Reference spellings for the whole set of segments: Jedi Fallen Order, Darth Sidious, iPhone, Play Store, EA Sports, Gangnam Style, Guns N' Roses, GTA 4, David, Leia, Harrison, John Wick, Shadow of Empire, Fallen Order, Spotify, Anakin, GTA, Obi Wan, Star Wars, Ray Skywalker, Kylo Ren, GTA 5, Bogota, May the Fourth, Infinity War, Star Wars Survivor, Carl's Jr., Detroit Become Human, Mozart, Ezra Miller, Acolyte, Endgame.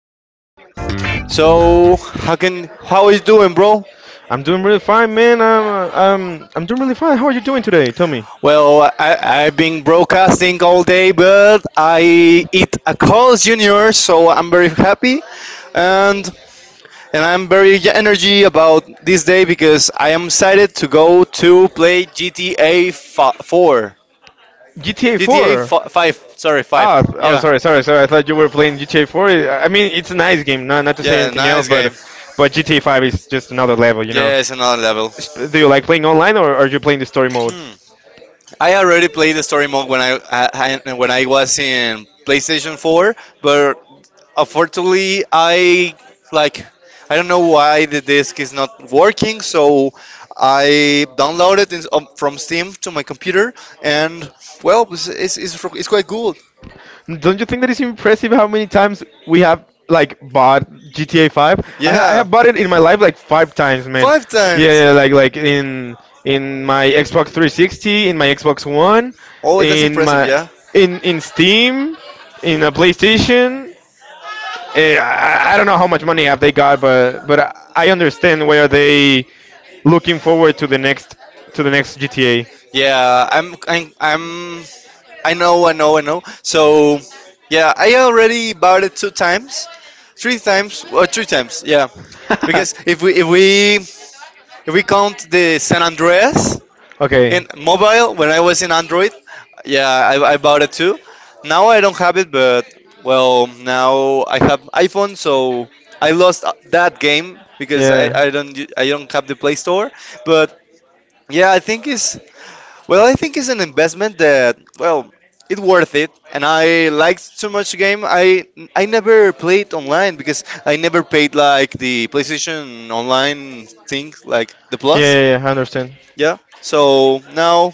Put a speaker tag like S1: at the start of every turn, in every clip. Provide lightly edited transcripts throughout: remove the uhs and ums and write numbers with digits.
S1: the same time. So, how you doing, bro?
S2: I'm doing really fine, man. I'm doing really fine. How are you doing today? Tell me.
S1: Well, I've been broadcasting all day, but I eat a Carl's Jr., so I'm very happy, and I'm very energy about this day because I am excited to go to play GTA 4.
S2: GTA
S1: GTA
S2: 4.
S1: 5, sorry, 5. Yeah,
S2: Sorry, sorry, sorry. I thought you were playing GTA 4. I mean, it's a nice game. Not to say
S1: yeah,
S2: anything else,
S1: nice game.
S2: but GTA 5 is just another level, you know.
S1: Yes, another level.
S2: Do you like playing online or are you playing the story mode?
S1: Hmm. I already played the story mode when I when I was in PlayStation 4, but unfortunately I like I don't know why the disc is not working, so I downloaded it from Steam to my computer, and well, it's quite good.
S2: Don't you think that it's impressive how many times we have like bought GTA 5? I ha I
S1: Yeah,
S2: have bought it in my life like five times, man.
S1: lifetime.
S2: Yeah, yeah, like in my Xbox 360, in my Xbox One,
S1: Oh, that's
S2: in
S1: impressive.
S2: my
S1: Yeah,
S2: in Steam, in a PlayStation. I don't know how much money have they got, but I understand why are they looking forward to the next GTA.
S1: yeah. I know I know. So yeah, I already bought it two times, three times, three times. Yeah.
S2: Yeah.
S1: Because if we count the San Andreas
S2: Okay.
S1: in mobile, when I was in Android, yeah, I bought it too. Now I don't have it, but well, now I have iPhone, so I lost that game because I don't u- I don't have the Play Store. But yeah, I think it's well, I think it's an investment that, well, it's worth it. And I liked so much game. I never played online because I never paid like the PlayStation Online thing, like the
S2: Yeah,
S1: Plus.
S2: yeah, yeah, I understand.
S1: Yeah. So now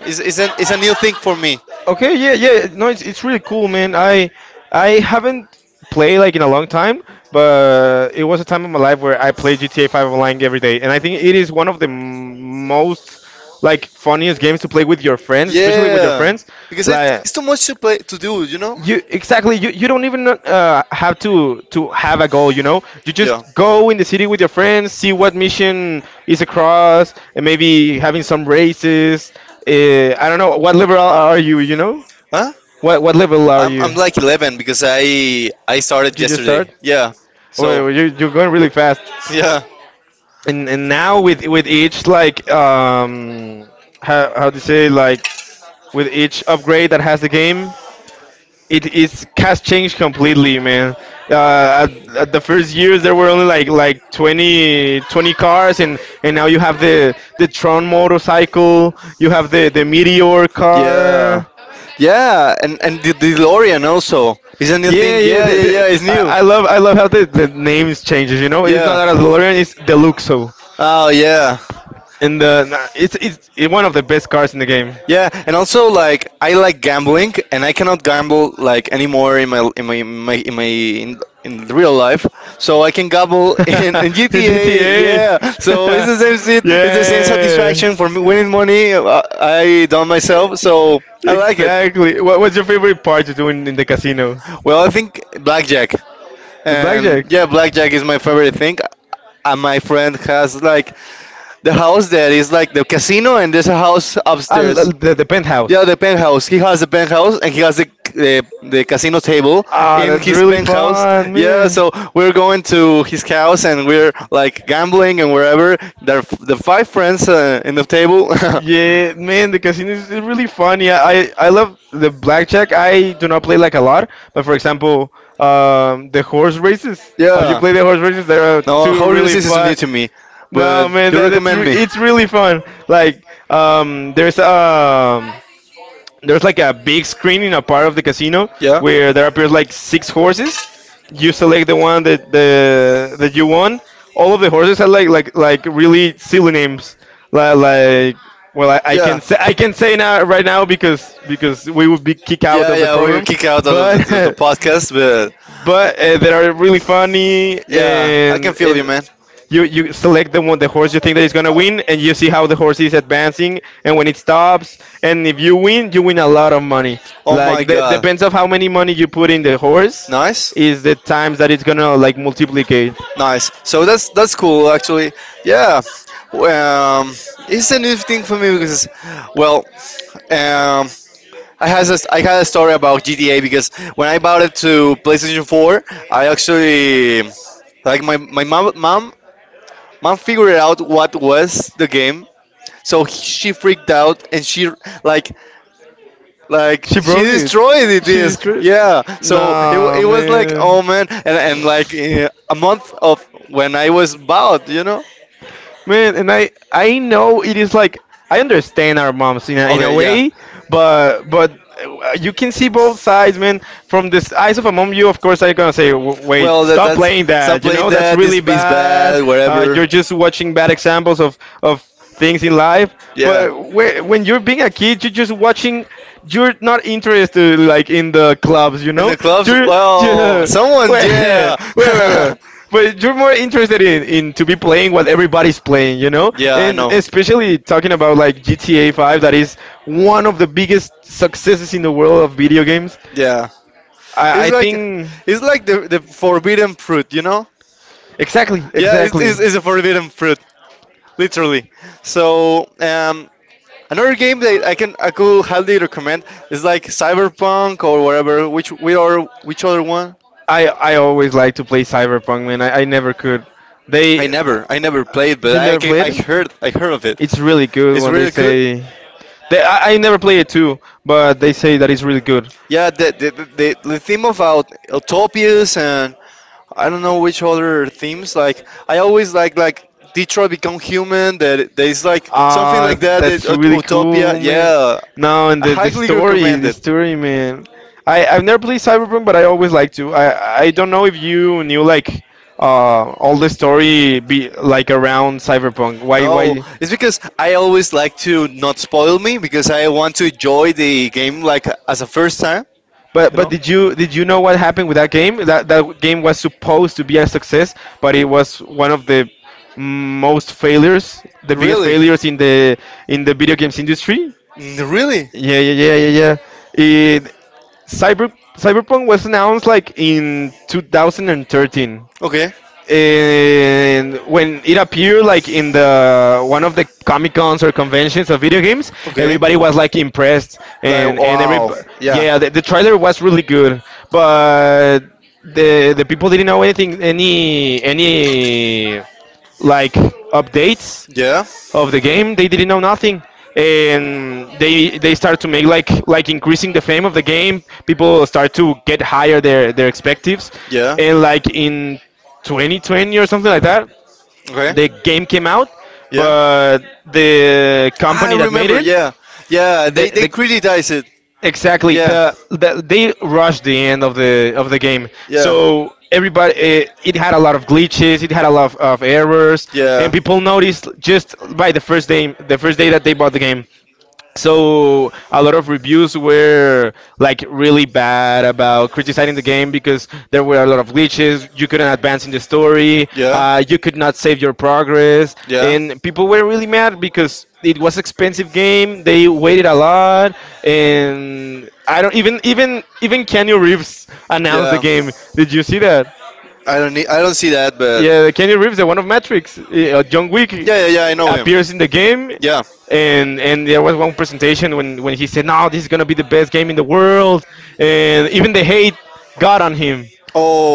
S1: it's a new thing for me.
S2: Okay, yeah, yeah. No, it's really cool, man. I haven't played like in a long time, but it was a time in my life where I played GTA 5 online every day, and I think it is one of the most like funniest games to play with your friends, especially with your
S1: Yeah.
S2: friends.
S1: Because
S2: Like
S1: it's too much to play to do, you know.
S2: you, exactly, you don't even have to have a goal, you know, you
S1: Yeah.
S2: just go in the city with your friends, see what mission is across, and maybe having some races. uh, I don't know what liberal are you, you know,
S1: Huh?
S2: what level are
S1: I'm
S2: you?
S1: I'm like 11 because I started
S2: Did you just start?
S1: yesterday. Yeah. So.
S2: Oh, you're going really fast. And now with each, like, how to say, like, with each upgrade that has the game, it's has changed completely, man. At the first years there were only like 20 20 cars, and now you have the Tron motorcycle, you have the Meteor
S1: Yeah,
S2: car.
S1: yeah, and the DeLorean also is a new thing.
S2: Yeah, yeah.
S1: Yeah, yeah, yeah,
S2: The,
S1: it's new.
S2: I love how the names changes. You know, it's not a DeLorean, it's Deluxo,
S1: Oh yeah,
S2: and it's one of the best cars in the game.
S1: yeah, and also like I like gambling, and I cannot gamble like anymore in my in my in my in my in, in real life. So I can gamble in
S2: In
S1: GTA. Yeah, so it's
S2: GTA.
S1: the same shit.
S2: Yeah. So
S1: It's the same
S2: yeah.
S1: satisfaction for me winning money. I done myself, so I like.
S2: Exactly. What was your favorite part to do in the casino?
S1: Well, I think blackjack,
S2: The
S1: and
S2: blackjack.
S1: yeah, blackjack is my favorite thing, and my friend has like. The house there is like the casino, and there's a house
S2: Ah, l-
S1: upstairs.
S2: l- the, the
S1: Yeah,
S2: penthouse.
S1: the penthouse. He has the penthouse, and he has the casino table
S2: Ah,
S1: in
S2: that's
S1: his
S2: really
S1: penthouse.
S2: fun. Yeah.
S1: Yeah,
S2: Man.
S1: so we're going to his house, and we're like gambling and wherever. Are the five friends in the table.
S2: Yeah, man, the casino is really funny. I love the blackjack. I do not play like a lot, but for example, the horse races. Have you
S1: yeah.
S2: played the horse races? They are
S1: No,
S2: two
S1: horse
S2: really
S1: racing is new
S2: fun.
S1: to me,
S2: No,
S1: but
S2: man,
S1: recommend me.
S2: it's really fun. Like, um, there's um, there's like a big screen in a part of the casino where there appears like six horses. You select the one that you want. All of the horses have like really silly names. Like, well, I can say now right now because we would be kicked out
S1: Yeah,
S2: of the
S1: yeah, we will
S2: program,
S1: kick out of the,
S2: but.
S1: the, the podcast, but
S2: But they are really funny
S1: yeah, can
S2: and
S1: feel you, man.
S2: you select the one the horse you think that is gonna win, and you see how the horse is advancing and when it stops, and if you win, you win a lot of money.
S1: Oh my
S2: Like, that
S1: god,
S2: depends of how many money you put in the horse
S1: nice.
S2: is the times that it's gonna like multiplicate.
S1: Nice. So that's cool actually. Yeah. Um, it's a new thing for me because, well, um, I had a story about GTA because when I bought it to PlayStation 4, I actually like my mom figured out what was the game. So she freaked out and she like like
S2: She
S1: she
S2: broke it.
S1: destroyed the
S2: She
S1: disc.
S2: destroyed.
S1: Yeah. So
S2: Nah,
S1: it was like,
S2: man.
S1: oh man, and like a month of when I was bought, you know.
S2: Man, and I know it is like, I understand our moms in a way, but you can see both sides, man. From the s- eyes of a mom, you of course are gonna say, "Wait, stop playing that. You know that's really bad.
S1: Where?
S2: You're just watching bad examples of things in life."
S1: Yeah.
S2: But when you're being a kid, you're just watching. You're not interested like in the clubs, you know. You're,
S1: Oh,
S2: you
S1: someone.
S2: Wait,
S1: Yeah.
S2: wait, wait, wait, but you're more interested in to be playing what everybody's playing, you know?
S1: yeah, I
S2: And
S1: know.
S2: especially talking about like GTA 5, that is one of the biggest successes in the world of video games.
S1: Yeah.
S2: I think
S1: It's like the forbidden fruit, you know?
S2: exactly,
S1: Yeah, it's,
S2: exactly.
S1: it's, it's a forbidden fruit, literally. So, another game that I could highly recommend is like Cyberpunk or whatever. Which we are which other one?
S2: I always like to play Cyberpunk, man. I never could. They,
S1: Never. I never played, but
S2: you never played
S1: I
S2: it?
S1: heard of it.
S2: It's really good
S1: It's
S2: when they
S1: really good.
S2: say I never play it too, but they say that it's really good.
S1: Yeah, the theme about utopias, and I don't know which other themes. Like I always like Detroit Become Human. That there is like something
S2: Ah,
S1: like that.
S2: that's really
S1: Utopia.
S2: cool, man.
S1: Yeah,
S2: No, and
S1: I
S2: the
S1: highly
S2: story,
S1: recommend.
S2: the story, man. I've never played Cyberpunk, but I always like to. I don't know if you knew, like, all the story be like around Cyberpunk. Why
S1: Oh,
S2: why
S1: it's because I always like to not spoil me because I want to enjoy the game like as a first time.
S2: But did you know what happened with that game? That game was supposed to be a success, but it was one of the most failures, the biggest
S1: Really.
S2: failures in the video games industry.
S1: Mm, really.
S2: Yeah, yeah, yeah, yeah, yeah. It, Cyber Cyberpunk was announced like in 2013,
S1: Okay,
S2: and when it appeared like in the one of the comic cons or conventions of video games,
S1: okay.
S2: everybody was like impressed,
S1: Like
S2: and every
S1: wow. Yeah,
S2: yeah, the trailer was really good, but the people didn't know anything, any like, updates
S1: yeah,
S2: of the game. They didn't know nothing, and they start to make like, increasing the fame of the game. People start to get higher their expectives,
S1: yeah.
S2: and like in 2020 or something like that,
S1: Okay.
S2: the game came out, but the company that made
S1: Remember.
S2: it,
S1: Yeah, yeah. They criticize
S2: the
S1: it.
S2: exactly, they rushed the end of the game, so everybody, it had a lot of glitches. It had a lot of errors, and people noticed just by the first day that they bought the game, so a lot of reviews were like really bad about criticizing the game because there were a lot of glitches, you couldn't advance in the story. You could not save your progress, and people were really mad because it was expensive game, they waited a lot. And I don't even kenny reeves announced the game. Did you see that?
S1: I don't need, I don't see that, but
S2: Yeah, Kenny Reeves, the one of Matrix, John Wick
S1: yeah, yeah, yeah. I know him.
S2: appears in the game,
S1: Yeah.
S2: and there was one presentation when he said, "No, this is gonna be the best game in the world," and even the hate got on him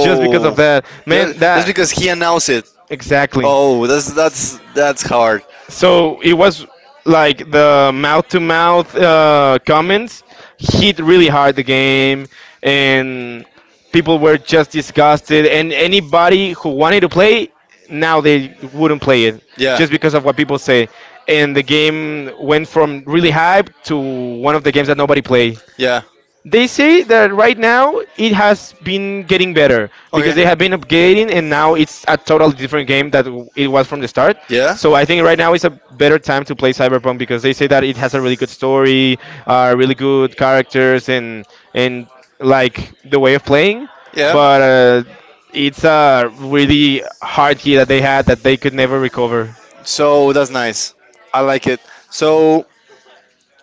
S2: just because of that.
S1: yeah.
S2: Man,
S1: Just
S2: that
S1: because he announced it.
S2: exactly.
S1: Oh, that's hard.
S2: So it was like the mouth to mouth comments hit really hard the game, and people were just disgusted. And anybody who wanted to play, now they wouldn't play it
S1: Yeah,
S2: just because of what people say. And the game went from really hype to one of the games that nobody played.
S1: yeah.
S2: They say that right now it has been getting better because
S1: Okay,
S2: they have been upgrading, and now it's a totally different game that it was from the start. So I think right now is a better time to play Cyberpunk because they say that it has a really good story, really good characters and and like the way of playing.
S1: yeah.
S2: But it's a really hard key that they had that they could never recover.
S1: So that's nice. I like it. So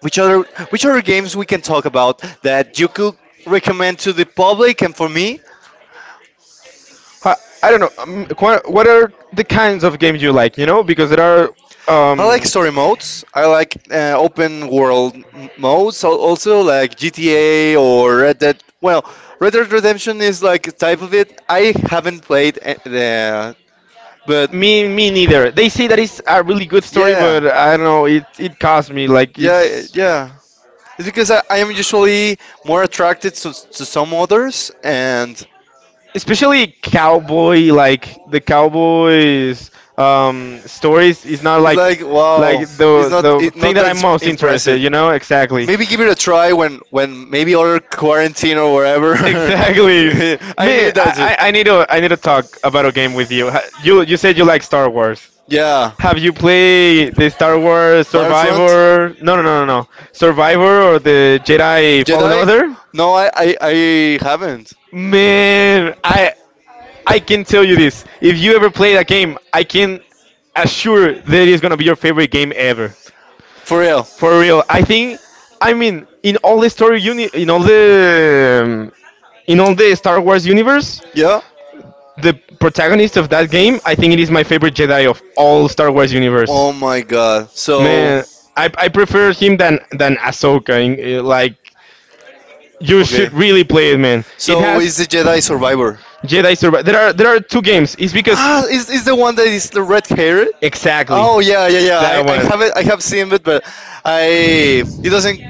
S1: which other which other games we can talk about that you could recommend to the public and for me?
S2: I, I don't know. What are the kinds of games you like? You know, because there are.
S1: I like
S2: Um,
S1: story modes. I like open world modes. Also like GTA or Red Dead. Well, Red Dead Redemption is like a type of it. I haven't played but
S2: me neither. They say that it's a really good story, but I don't know. It cost me like
S1: yeah,
S2: it's
S1: yeah. It's because I am usually more attracted to some others, and
S2: especially cowboy like the cowboys stories is not like
S1: like
S2: like
S1: wow,
S2: the thing that I'm most interested, you
S1: impressive.
S2: know, exactly.
S1: Maybe give it a try when maybe other quarantine or wherever.
S2: Exactly,
S1: I
S2: man.
S1: need,
S2: I need to talk about a game with you. You said you like Star Wars.
S1: yeah.
S2: Have you played the Star Wars Survivor? No, no, no, no, no. Survivor or the Jedi Fallen Order?
S1: No, I, I haven't.
S2: Man, I can tell you this. If you ever play that game, I can assure that it's gonna be your favorite game ever.
S1: For real.
S2: For real, I think. I mean, in all the Star Wars universe,
S1: Yeah.
S2: the protagonist of that game, I think it is my favorite Jedi of all Star Wars universe.
S1: Oh my god. So
S2: Man, I prefer him than Ahsoka. Like, you should really play it, man. It
S1: so is
S2: has.
S1: the Jedi Survivor.
S2: Jedi Survivor. There are two games. It's because
S1: Ah, is the one that is the red haired?
S2: exactly
S1: Oh yeah, yeah, yeah.
S2: that
S1: I
S2: one,
S1: have it. I have seen it, but I it doesn't.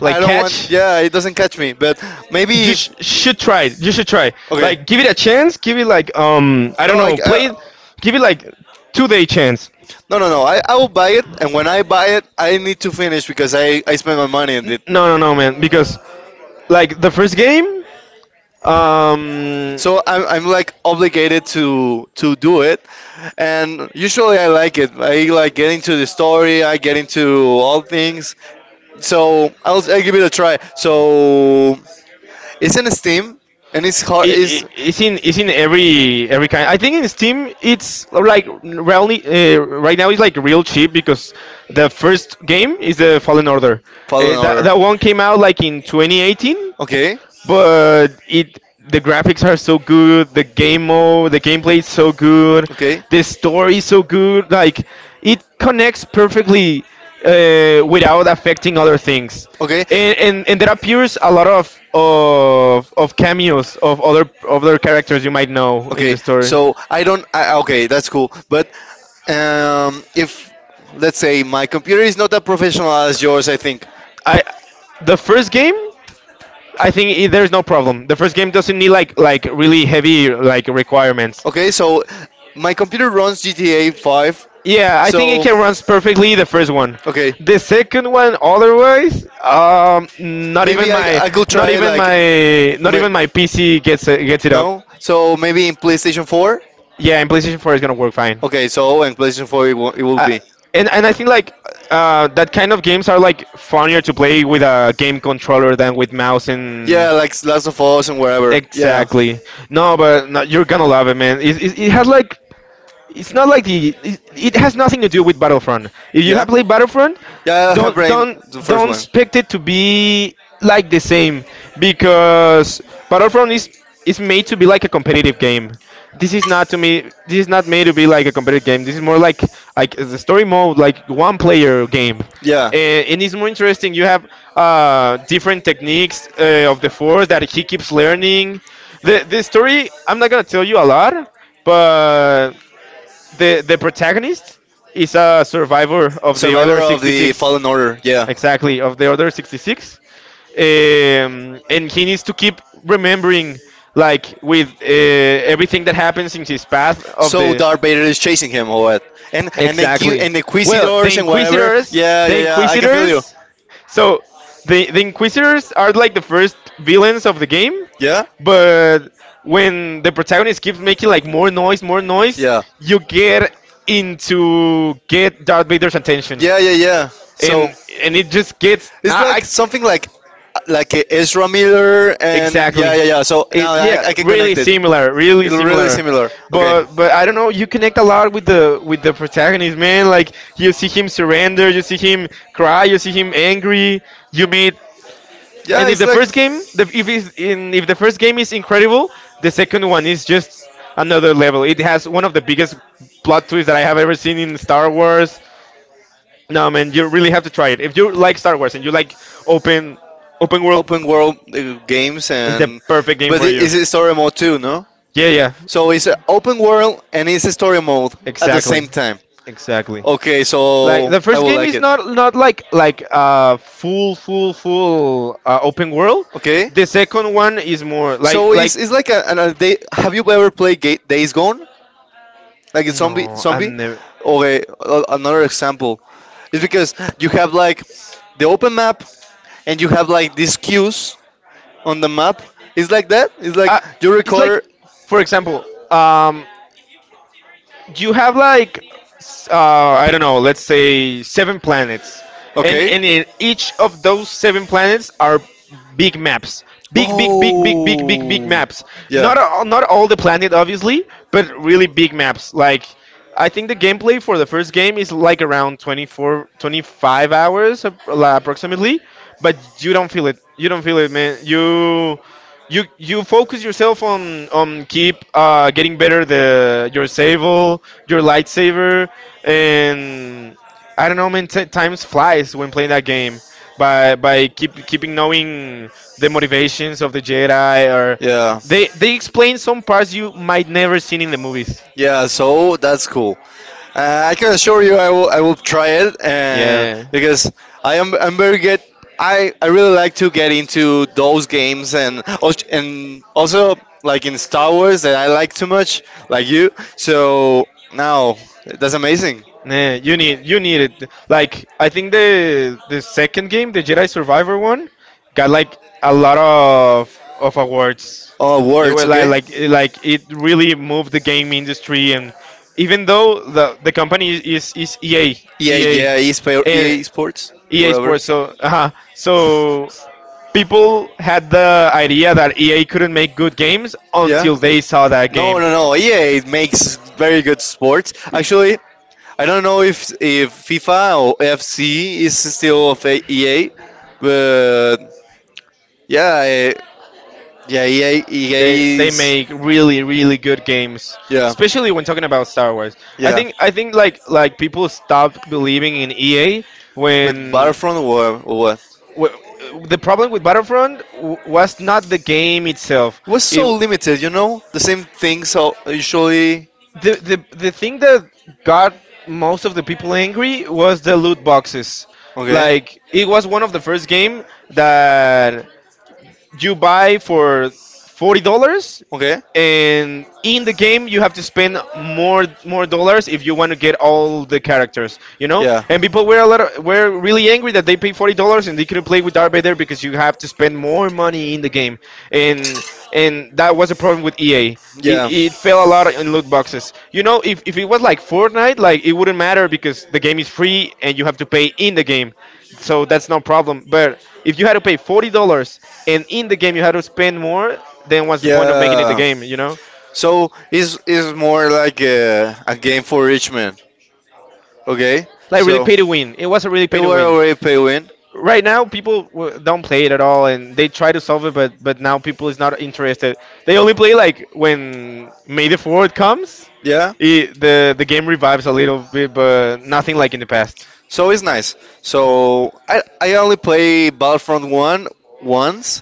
S2: like
S1: I don't want.
S2: Catch.
S1: Yeah, it doesn't catch me. But maybe
S2: You sh-
S1: if
S2: should try it. You should try.
S1: okay,
S2: Like, give it a chance. Give it like I don't know. Play it. Give it like 2-day chance.
S1: no, no, no. I will buy it, and when I buy it, I need to finish because I spent my money on it.
S2: No, no, no, man. Because like the first game, um,
S1: So I'm like obligated to do it, and usually I like it. I like get into the story. I get into all things. So I'll give it a try. So it's in Steam, and it's hard. Is
S2: it's in every kind. I think in Steam it's like really right now it's like real cheap because the first game is the Fallen Order. Uh,
S1: Fallen
S2: that
S1: Order?
S2: that one came out like in 2018,
S1: Okay,
S2: but it the graphics are so good, the game mode, the gameplay is so good,
S1: okay,
S2: the story is so good. Like it connects perfectly without affecting other things,
S1: okay,
S2: and, and there appears a lot of cameos of other characters you might know in the
S1: okay.
S2: story.
S1: So I don't. I, okay, that's cool. But if let's say my computer is not that professional as yours, I think.
S2: I the first game, I think I there's no problem. The first game doesn't need like really heavy like requirements.
S1: Okay, so my computer runs GTA 5.
S2: Yeah, I think it can runs perfectly the first one.
S1: Okay,
S2: The second one, otherwise, not even
S1: maybe
S2: my,
S1: I could
S2: not
S1: try it
S2: even
S1: like,
S2: my, not even my PC gets it up.
S1: no? So maybe in PlayStation 4?
S2: Yeah, and PlayStation 4 is gonna work fine.
S1: Okay, so in PlayStation 4 it will
S2: Uh,
S1: be.
S2: and I think like that kind of games are like funnier to play with a game controller than with mouse and.
S1: Yeah, like Last of Us and wherever. Yeah.
S2: Exactly. No, but no, you're gonna love it, man. It has like it's not like the it has nothing to do with Battlefront. If you have played Battlefront,
S1: Yeah, I have
S2: don't
S1: brain,
S2: don't
S1: the first
S2: don't
S1: one.
S2: expect it to be like the same, because Battlefront is made to be like a competitive game. This is not to me, this is not made to be like a competitive game. This is more like the story mode, like one player game.
S1: Yeah.
S2: And, it's more interesting. You have different techniques of the force that he keeps learning. The story I'm not gonna tell you a lot, but the protagonist is a survivor of the Order
S1: Survivor of the
S2: 66.
S1: Fallen Order. Yeah.
S2: Exactly, of the Order 66. And he needs to keep remembering, like, with everything that happens in his path of
S1: So
S2: the.
S1: Darth Vader is chasing him, or what? And then Q
S2: Exactly.
S1: and the
S2: Well, the
S1: Inquisidors and whatever.
S2: Inquisitors.
S1: Yeah,
S2: The
S1: yeah, yeah. I can feel you.
S2: Inquisitors. So, the Inquisitors are like the first villains of the game,
S1: Yeah?
S2: but when the protagonist keeps making like more noise,
S1: Yeah.
S2: you get Darth Vader's attention,
S1: Yeah, yeah, yeah.
S2: and
S1: So
S2: it just gets
S1: like something
S2: I
S1: like Ezra Miller and
S2: exactly.
S1: yeah, yeah, yeah. So
S2: It,
S1: now I,
S2: yeah,
S1: I can
S2: really
S1: connect.
S2: similar, really
S1: Really
S2: similar.
S1: similar.
S2: But I don't know, you connect a lot with the protagonist, man. Like you see him surrender, you see him cry, you see him angry. You meet
S1: Yeah,
S2: and If
S1: it's
S2: the first game the, if is in if the first game is incredible, the second one is just another level. It has one of the biggest plot twists that I have ever seen in Star Wars. No, man, you really have to try it if you like Star Wars and you like open open world.
S1: open world games,
S2: It's the
S1: and
S2: perfect game
S1: it
S2: for you.
S1: is a story mode too, no?
S2: Yeah, yeah.
S1: So it's a open world and it's a story mode at the
S2: Exactly.
S1: same time.
S2: Exactly.
S1: Okay,
S2: Like
S1: so
S2: the first game is not like like full open world.
S1: okay,
S2: The second one is more
S1: so
S2: like
S1: it's like a, an a day. Have you ever played Days Gone? Like a zombie
S2: no,
S1: zombie?
S2: I'm never
S1: Okay, another example is because you have like the open map, and you have like these cues on the map. It's like that. It's like
S2: uh,
S1: you
S2: it's
S1: record.
S2: like for example um you have like s- uh I don't know, let's say seven planets,
S1: Okay,
S2: and in each of those seven planets are big maps, big maps, not all, not all the planet obviously, but really big maps. Like I think the gameplay for the first game is like around 24 25 hours approximately, but you don't feel it, you don't feel it, man. You you focus yourself on keep getting better the your sable, your lightsaber. And I don't know, man, times flies when playing that game, by keep keeping knowing the motivations of the Jedi, or
S1: yeah.
S2: they explain some parts you might never seen in the movies.
S1: Yeah, so that's cool. I can assure you, I will. I will try it, and
S2: Yeah.
S1: because I'm very good. I really like to get into those games, and and also like in Star Wars that I like too much, like you. So now that's amazing.
S2: Nah, you need, you need it. Like I think the second game, the Jedi Survivor one, got like a lot of awards.
S1: Oh,
S2: It
S1: words,
S2: was like
S1: okay?
S2: like it really moved the game industry, and even though the company is EA,
S1: Yeah,
S2: EA,
S1: yeah.
S2: and
S1: EA, Sports.
S2: EA Sports, so so people had the idea that EA couldn't make good games until they saw that
S1: No,
S2: game.
S1: no, no. EA makes very good sports. Actually, I don't know if FIFA or FC is still of EA, but yeah, yeah,
S2: They
S1: EA
S2: they
S1: is
S2: make really really good games,
S1: yeah,
S2: especially when talking about Star Wars. I
S1: yeah.
S2: think I think like people stopped believing in EA when
S1: Battlefront or what?
S2: w- the problem with Battlefront was not the game itself.
S1: It was
S2: It
S1: so limited, you know. The same things are usually
S2: The thing that got most of the people angry was the loot boxes.
S1: okay,
S2: Like it was one of the first game that you buy for $40,
S1: okay,
S2: and in the game you have to spend more dollars if you want to get all the characters, you know, and people were a lot of, were really angry that they paid $40 and they couldn't play with Darth Vader because you have to spend more money in the game. And and that was a problem with EA, it,
S1: yeah.
S2: it fell a lot in loot boxes, you know. If it was like Fortnite, like it wouldn't matter because the game is free and you have to pay in the game, so that's no problem. But if you had to pay $40 and in the game you had to spend more, then what's the point of making it the game? You know,
S1: So it's more like a game for rich men, okay?
S2: like really pay to win. It was a really
S1: It
S2: pay to
S1: were
S2: win.
S1: already pay win,
S2: Right now, people don't play it at all, and they try to solve it, but now people is not interested. They only play like when May the Fourth comes.
S1: yeah.
S2: It, the game revives a little bit, but nothing like in the past.
S1: So it's nice. So I only play Battlefront one once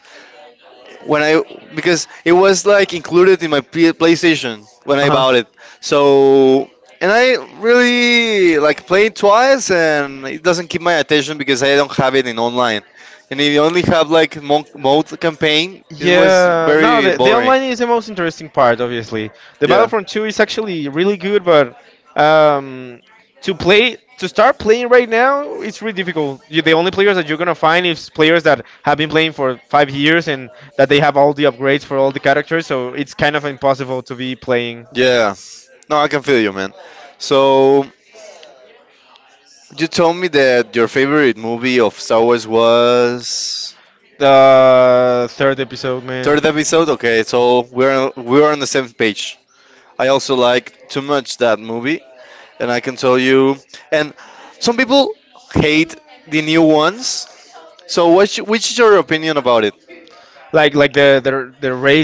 S1: when I because it was like included in my PlayStation when I bought it. So and I really like play it twice, and it doesn't keep my attention because I don't have it in online. And if you only have like mode campaign, it was
S2: Yeah, no,
S1: very
S2: the
S1: boring.
S2: online is the most interesting part, obviously. The
S1: Yeah,
S2: Battlefront 2 is actually really good, but um, to play, to start playing right now, it's really difficult. You, the only players that you're going to find is players that have been playing for 5 years and that they have all the upgrades for all the characters, so it's kind of impossible to be playing.
S1: yeah. No, I can feel you, man. So you told me that your favorite movie of Star Wars was
S2: The third episode,
S1: third
S2: man.
S1: episode. Okay, so we're on the same page. I also like too much that movie. And I can tell you. And some people hate the new ones. So what's which is your opinion about it?
S2: Like the Ray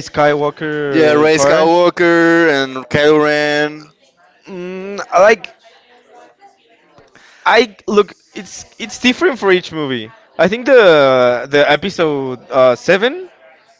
S1: Yeah,
S2: Skywalker
S1: Ray
S2: part.
S1: Skywalker and Kylo Ren.
S2: mm, i like I look, it's different for each movie. I think the episode seven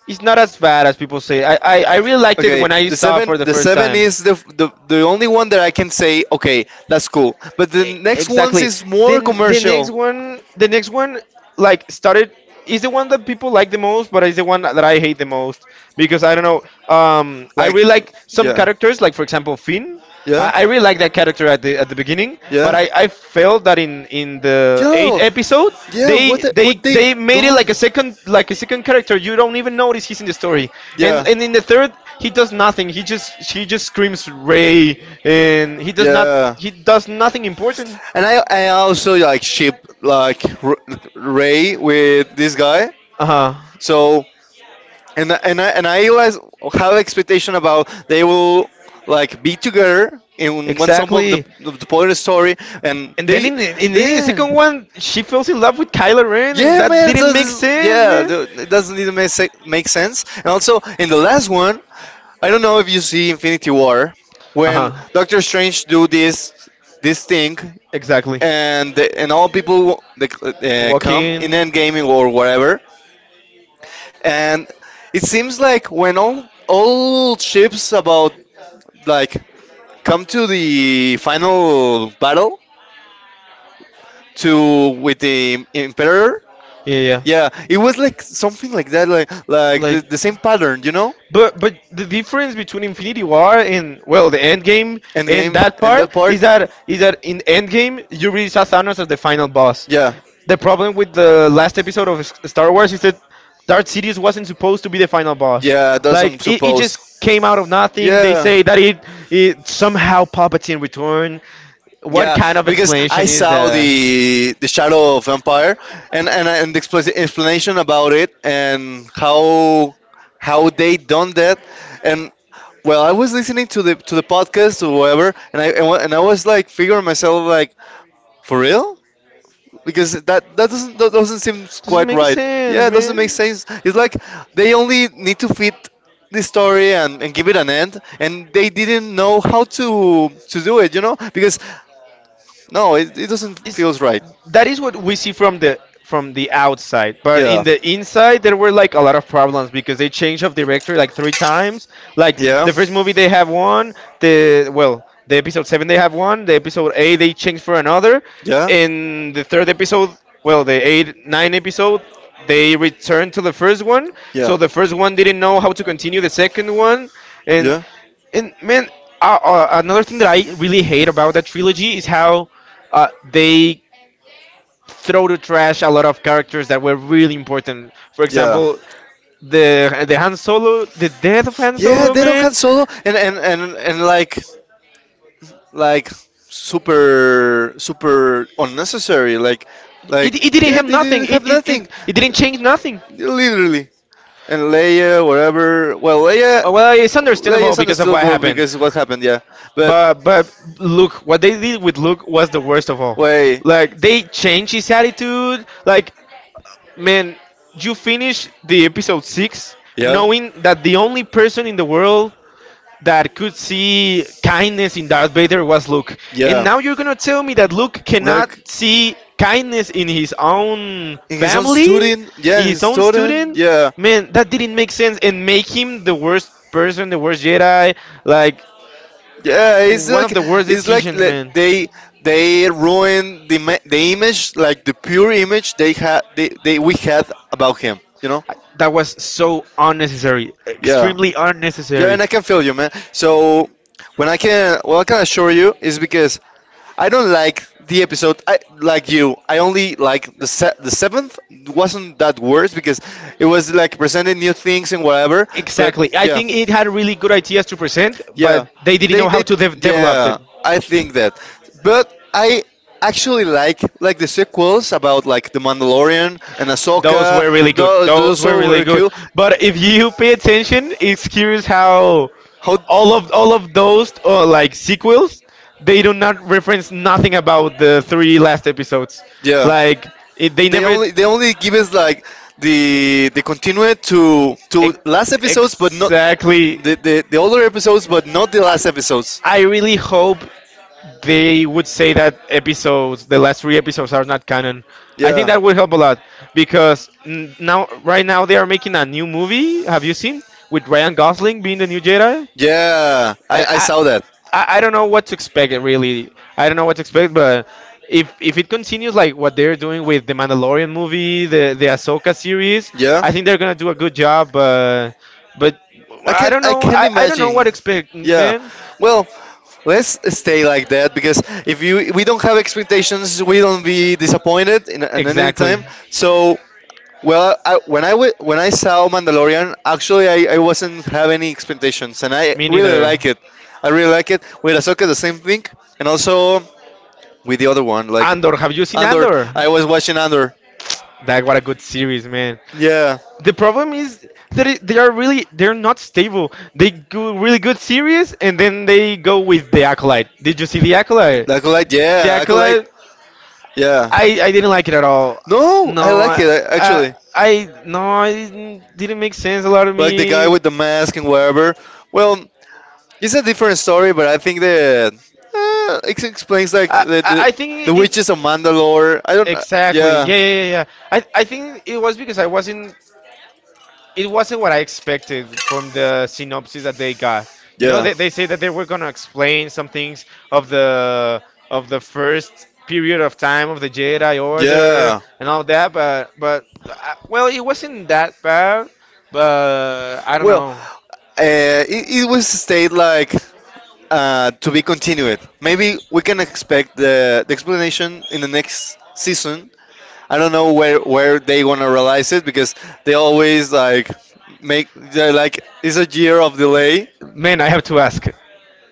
S2: is not as bad as people say. I really liked it when I saw it
S1: Seven,
S2: for the
S1: the
S2: first
S1: seven
S2: time.
S1: is the the only one that I can say okay, that's cool. But the next ones
S2: Exactly.
S1: is more
S2: Then
S1: commercial.
S2: the next one, like started is the one that people like the most, but is the one that I hate the most because I don't know. I really like some characters, like for example Finn.
S1: Yeah,
S2: I really like that character at the beginning, but
S1: yeah,
S2: I felt that in the eighth episode
S1: yeah. What
S2: they
S1: the, what?
S2: they made it like a second, like a second character. You don't even notice he's in the story, and
S1: Yeah,
S2: in the third he does nothing. He just, he just screams Ray, and he does not.
S1: yeah.
S2: He does nothing important.
S1: And I also like ship like Ray with this guy.
S2: Uh huh.
S1: So and I- and I and I always have expectation about they will like be together in one some
S2: Exactly.
S1: of the point of the story and
S2: And then
S1: they
S2: in the
S1: then
S2: second one, she falls in love with Kylo Ren, and
S1: yeah
S2: that
S1: man this
S2: didn't make
S1: is,
S2: sense,
S1: yeah
S2: man.
S1: th- it doesn't even make sense. And also in the last one, I don't know if you see Infinity War
S2: Uh
S1: when
S2: huh.
S1: Doctor Strange do this thing
S2: Exactly.
S1: and all people that come in
S2: Walking.
S1: Endgame or whatever. And it seems like when all ships about like come to the final battle to with the Imperator.
S2: Yeah, yeah.
S1: Yeah, it was like something like that, like like
S2: Like,
S1: the, the same pattern, you know.
S2: but the difference between Infinity War and, well, the End Game, and
S1: Endgame.
S2: that part is that in End Game you really saw Thanos as the final boss.
S1: Yeah,
S2: The problem with the last episode of Star Wars is that Darth Sidious wasn't supposed to be the final boss.
S1: yeah,
S2: Like
S1: doesn't
S2: it just
S1: suppose.
S2: came out of nothing. They
S1: Yeah,
S2: say that it somehow Palpatine returned. What
S1: yeah,
S2: kind of
S1: because I
S2: explanation is
S1: saw
S2: that?
S1: the Shadow of Empire and the explanation about it, and how they done that. And well, I was listening to the podcast or whatever, and and I was like figuring myself like, for real, because that doesn't seem quite right. Yeah, it doesn't make sense. It's like they only need to fit the story, and give it an end, and they didn't know how to do it. You know, because no, it doesn't
S2: Is
S1: feels right.
S2: That is what we see from the outside, but in the inside there were like a lot of problems because they changed of director like three times. Like the first movie they have one, the episode 7 they have one, the episode 8 they changed for another.
S1: Yeah,
S2: In the third episode, well, the 8 9 episode, they returned to the first one.
S1: yeah.
S2: So the first one didn't know how to continue the second one. And and man, another thing that I really hate about that trilogy is how they throw to trash a lot of characters that were really important. For example, the Han Solo, the death of Han
S1: Yeah,
S2: Solo,
S1: they don't
S2: man.
S1: Han Solo and like super super unnecessary. Like
S2: It didn't
S1: yeah,
S2: have
S1: they
S2: nothing.
S1: didn't have
S2: It, it,
S1: nothing
S2: it, it didn't change nothing.
S1: literally. And
S2: Uh,
S1: Leia, whatever. Well, Leia
S2: Well, it's understandable
S1: is
S2: because of what
S1: understandable
S2: happened.
S1: because what happened. Yeah.
S2: But Luke, what they did with Luke was the worst of all.
S1: Wait,
S2: Like they changed his attitude. Like, man, you finish the episode six knowing that the only person in the world that could see kindness in Darth Vader was Luke, and
S1: yeah,
S2: now you're gonna tell me that Luke cannot see kindness in his own
S1: in his own
S2: family,
S1: student, yeah,
S2: in his
S1: his
S2: own
S1: student,
S2: student.
S1: yeah,
S2: Man, that didn't make sense and make him the worst person, the worst Jedi. Like
S1: yeah.
S2: one of the worst
S1: It's like
S2: decisions, man.
S1: they ruin the the image, like the pure image they had they we had about him. You know?
S2: That was so unnecessary,
S1: Yeah,
S2: extremely
S1: yeah.
S2: unnecessary.
S1: And I can feel you, man. So when I can, what I can assure you is because I don't like the episode. I like you. I only like the the seventh wasn't that worse because it was like presenting new things and whatever. But
S2: Exactly. I think it had really good ideas to present,
S1: yeah.
S2: but they didn't know how to develop it.
S1: Yeah, I think that. But I actually like the sequels about like the Mandalorian and
S2: Those
S1: Ahsoka.
S2: were really good.
S1: Those are
S2: Those were
S1: so
S2: really
S1: very
S2: good.
S1: cool.
S2: But if you pay attention, it's curious how
S1: How
S2: all of those like sequels, they do not reference nothing about the three last episodes.
S1: yeah,
S2: Like it, they never
S1: they only give us like the continued to last
S2: ex-
S1: episodes, but not
S2: exactly.
S1: the older episodes, but not the last episodes.
S2: I really hope they would say that episodes, the last three episodes, are not canon. I think
S1: Yeah,
S2: that would help a lot because now, right now, they are making a new movie. Have you seen with Ryan Gosling being the new Jedi?
S1: yeah,
S2: And
S1: I
S2: I,
S1: saw that.
S2: I, I don't know what to expect. Really, I don't know what to expect. But if it continues like what they're doing with the Mandalorian movie, the Ahsoka series, I think they're gonna do a good job. But I don't
S1: I
S2: know.
S1: can
S2: I don't know what
S1: imagine.
S2: to expect,
S1: Yeah.
S2: man.
S1: Well, let's stay like that, because if you we don't have expectations, we don't be disappointed in any
S2: Exactly.
S1: time. So well, I, when I saw Mandalorian, actually I wasn't have any expectations, and I
S2: Me
S1: really
S2: neither.
S1: like it. I really like it. With Ahsoka, the same thing, and also with the other one, like
S2: Andor, have you seen
S1: Andor.
S2: Andor?
S1: I was watching Andor.
S2: That what a good series, man.
S1: Yeah,
S2: The problem is that it, they are really they're not stable. They go really good series and then they go with the Acolyte. Did you see the Acolyte?
S1: the Acolyte.
S2: The
S1: Yeah, Acolyte.
S2: Acolyte,
S1: Yeah.
S2: I didn't like it at all.
S1: No, I
S2: No,
S1: like
S2: I,
S1: it
S2: like
S1: I, actually.
S2: I no, it didn't make sense. A lot of
S1: Like the guy
S2: me.
S1: with the mask and whatever.
S2: I,
S1: Well, it's a different story, but I think that it explains like
S2: I I
S1: the
S2: think it
S1: witches of Mandalore. I don't.
S2: exactly.
S1: Yeah,
S2: Yeah, yeah, yeah, yeah. I think it was because I wasn't it wasn't what I expected from the synopsis that they got. You know,
S1: yeah,
S2: they say that they were gonna explain some things of the of the first period of time of the Jedi Order
S1: yeah.
S2: and all that, but well, it wasn't that bad. But I don't
S1: Well,
S2: know,
S1: it, it was stayed like to be continued. Maybe we can expect the explanation in the next season. I don't know where they gonna realize it, because they always like make they're like it's a year of delay.
S2: man. I have to ask,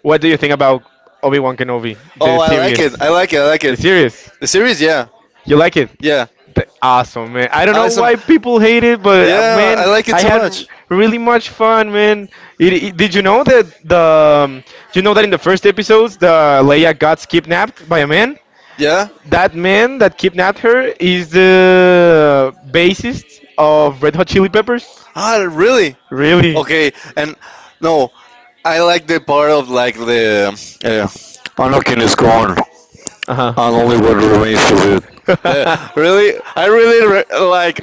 S2: what do you think about Obi Wan Kenobi, the
S1: Oh, I like it.
S2: series,
S1: I like it. I like
S2: the
S1: it.
S2: series?
S1: The series, yeah.
S2: You like it?
S1: Yeah.
S2: Awesome, man. I don't know why people hate it, but
S1: Yeah, I
S2: man,
S1: like
S2: I
S1: it
S2: had
S1: much.
S2: really much fun, man. Did you know that the you know that in the first episodes, the Leia got kidnapped by a man?
S1: Yeah.
S2: That man that kidnapped her is the bassist of Red Hot Chili Peppers.
S1: Ah, really?
S2: Really?
S1: Okay. And no, I like the part of like the uh, Anakin is gone.
S2: Uh
S1: And
S2: huh.
S1: only what remains of it. No, really, I really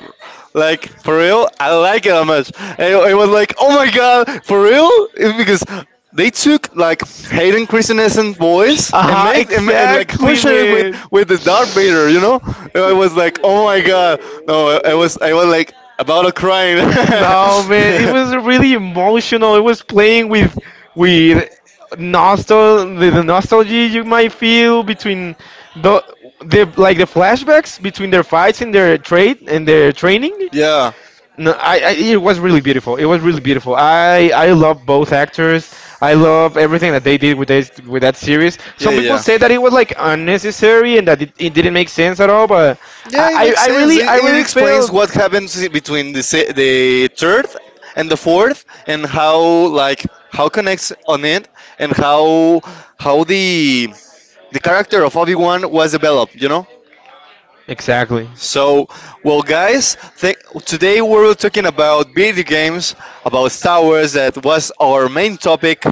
S1: like for real. I like it how much. I was like, oh my god, for real. It's because they took like Hayden Christensen's voice and
S2: Aha!
S1: make and like
S2: Exactly,
S1: push it
S2: man.
S1: with the Darth Vader, you know. And I was like, oh my god, no, I, I was like about to crying.
S2: No, man, it was really emotional. It was playing with nostal the nostalgia you might feel between the flashbacks between their fights and their trade and their training.
S1: Yeah,
S2: No, I it was really beautiful. It was really beautiful. I love both actors. I love everything that they did with this with that series.
S1: yeah,
S2: Some
S1: yeah,
S2: people
S1: yeah.
S2: say that it was like unnecessary and that it didn't make sense at all, but
S1: Yeah, it makes sense. It,
S2: I
S1: it
S2: really
S1: explains
S2: feel
S1: what happens between the the third and the fourth, and how like how connects on it, and how the character of Obi Wan was developed. You know.
S2: exactly.
S1: So, well, guys, today we are talking about video games, about Star Wars. That was our main topic,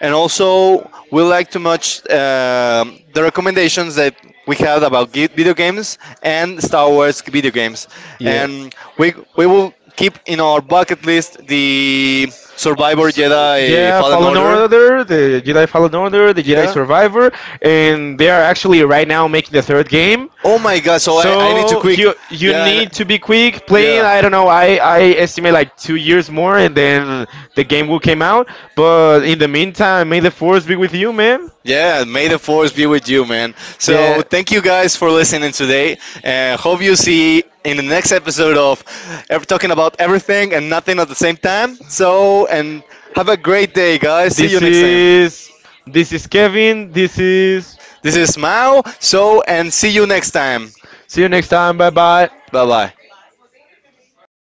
S1: and also we like to much the recommendations that we had about video games and Star Wars video games.
S2: Yeah.
S1: And we will keep in our bucket list the Survivor Jedi Fallen
S2: Fallen
S1: Order.
S2: Order, the Jedi Fallen Order, the Jedi
S1: Yeah.
S2: Survivor, and they are actually right now making the third game.
S1: Oh my God! So I,
S2: So you
S1: yeah.
S2: need to be quick playing. I don't know. I estimate like 2 years more, and then the game will came out. But in the meantime, may the force be with you, man.
S1: Yeah, may the force be with you, man. So
S2: Yeah.
S1: thank you guys for listening today. And hope you see in the next episode of ever talking about everything and nothing at the same time. So and have a great day, guys. See you
S2: This
S1: next.
S2: is this is Kevin. This is
S1: This is Mao. So and see you next time.
S2: see you next time. Bye bye.
S1: Bye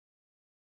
S1: bye.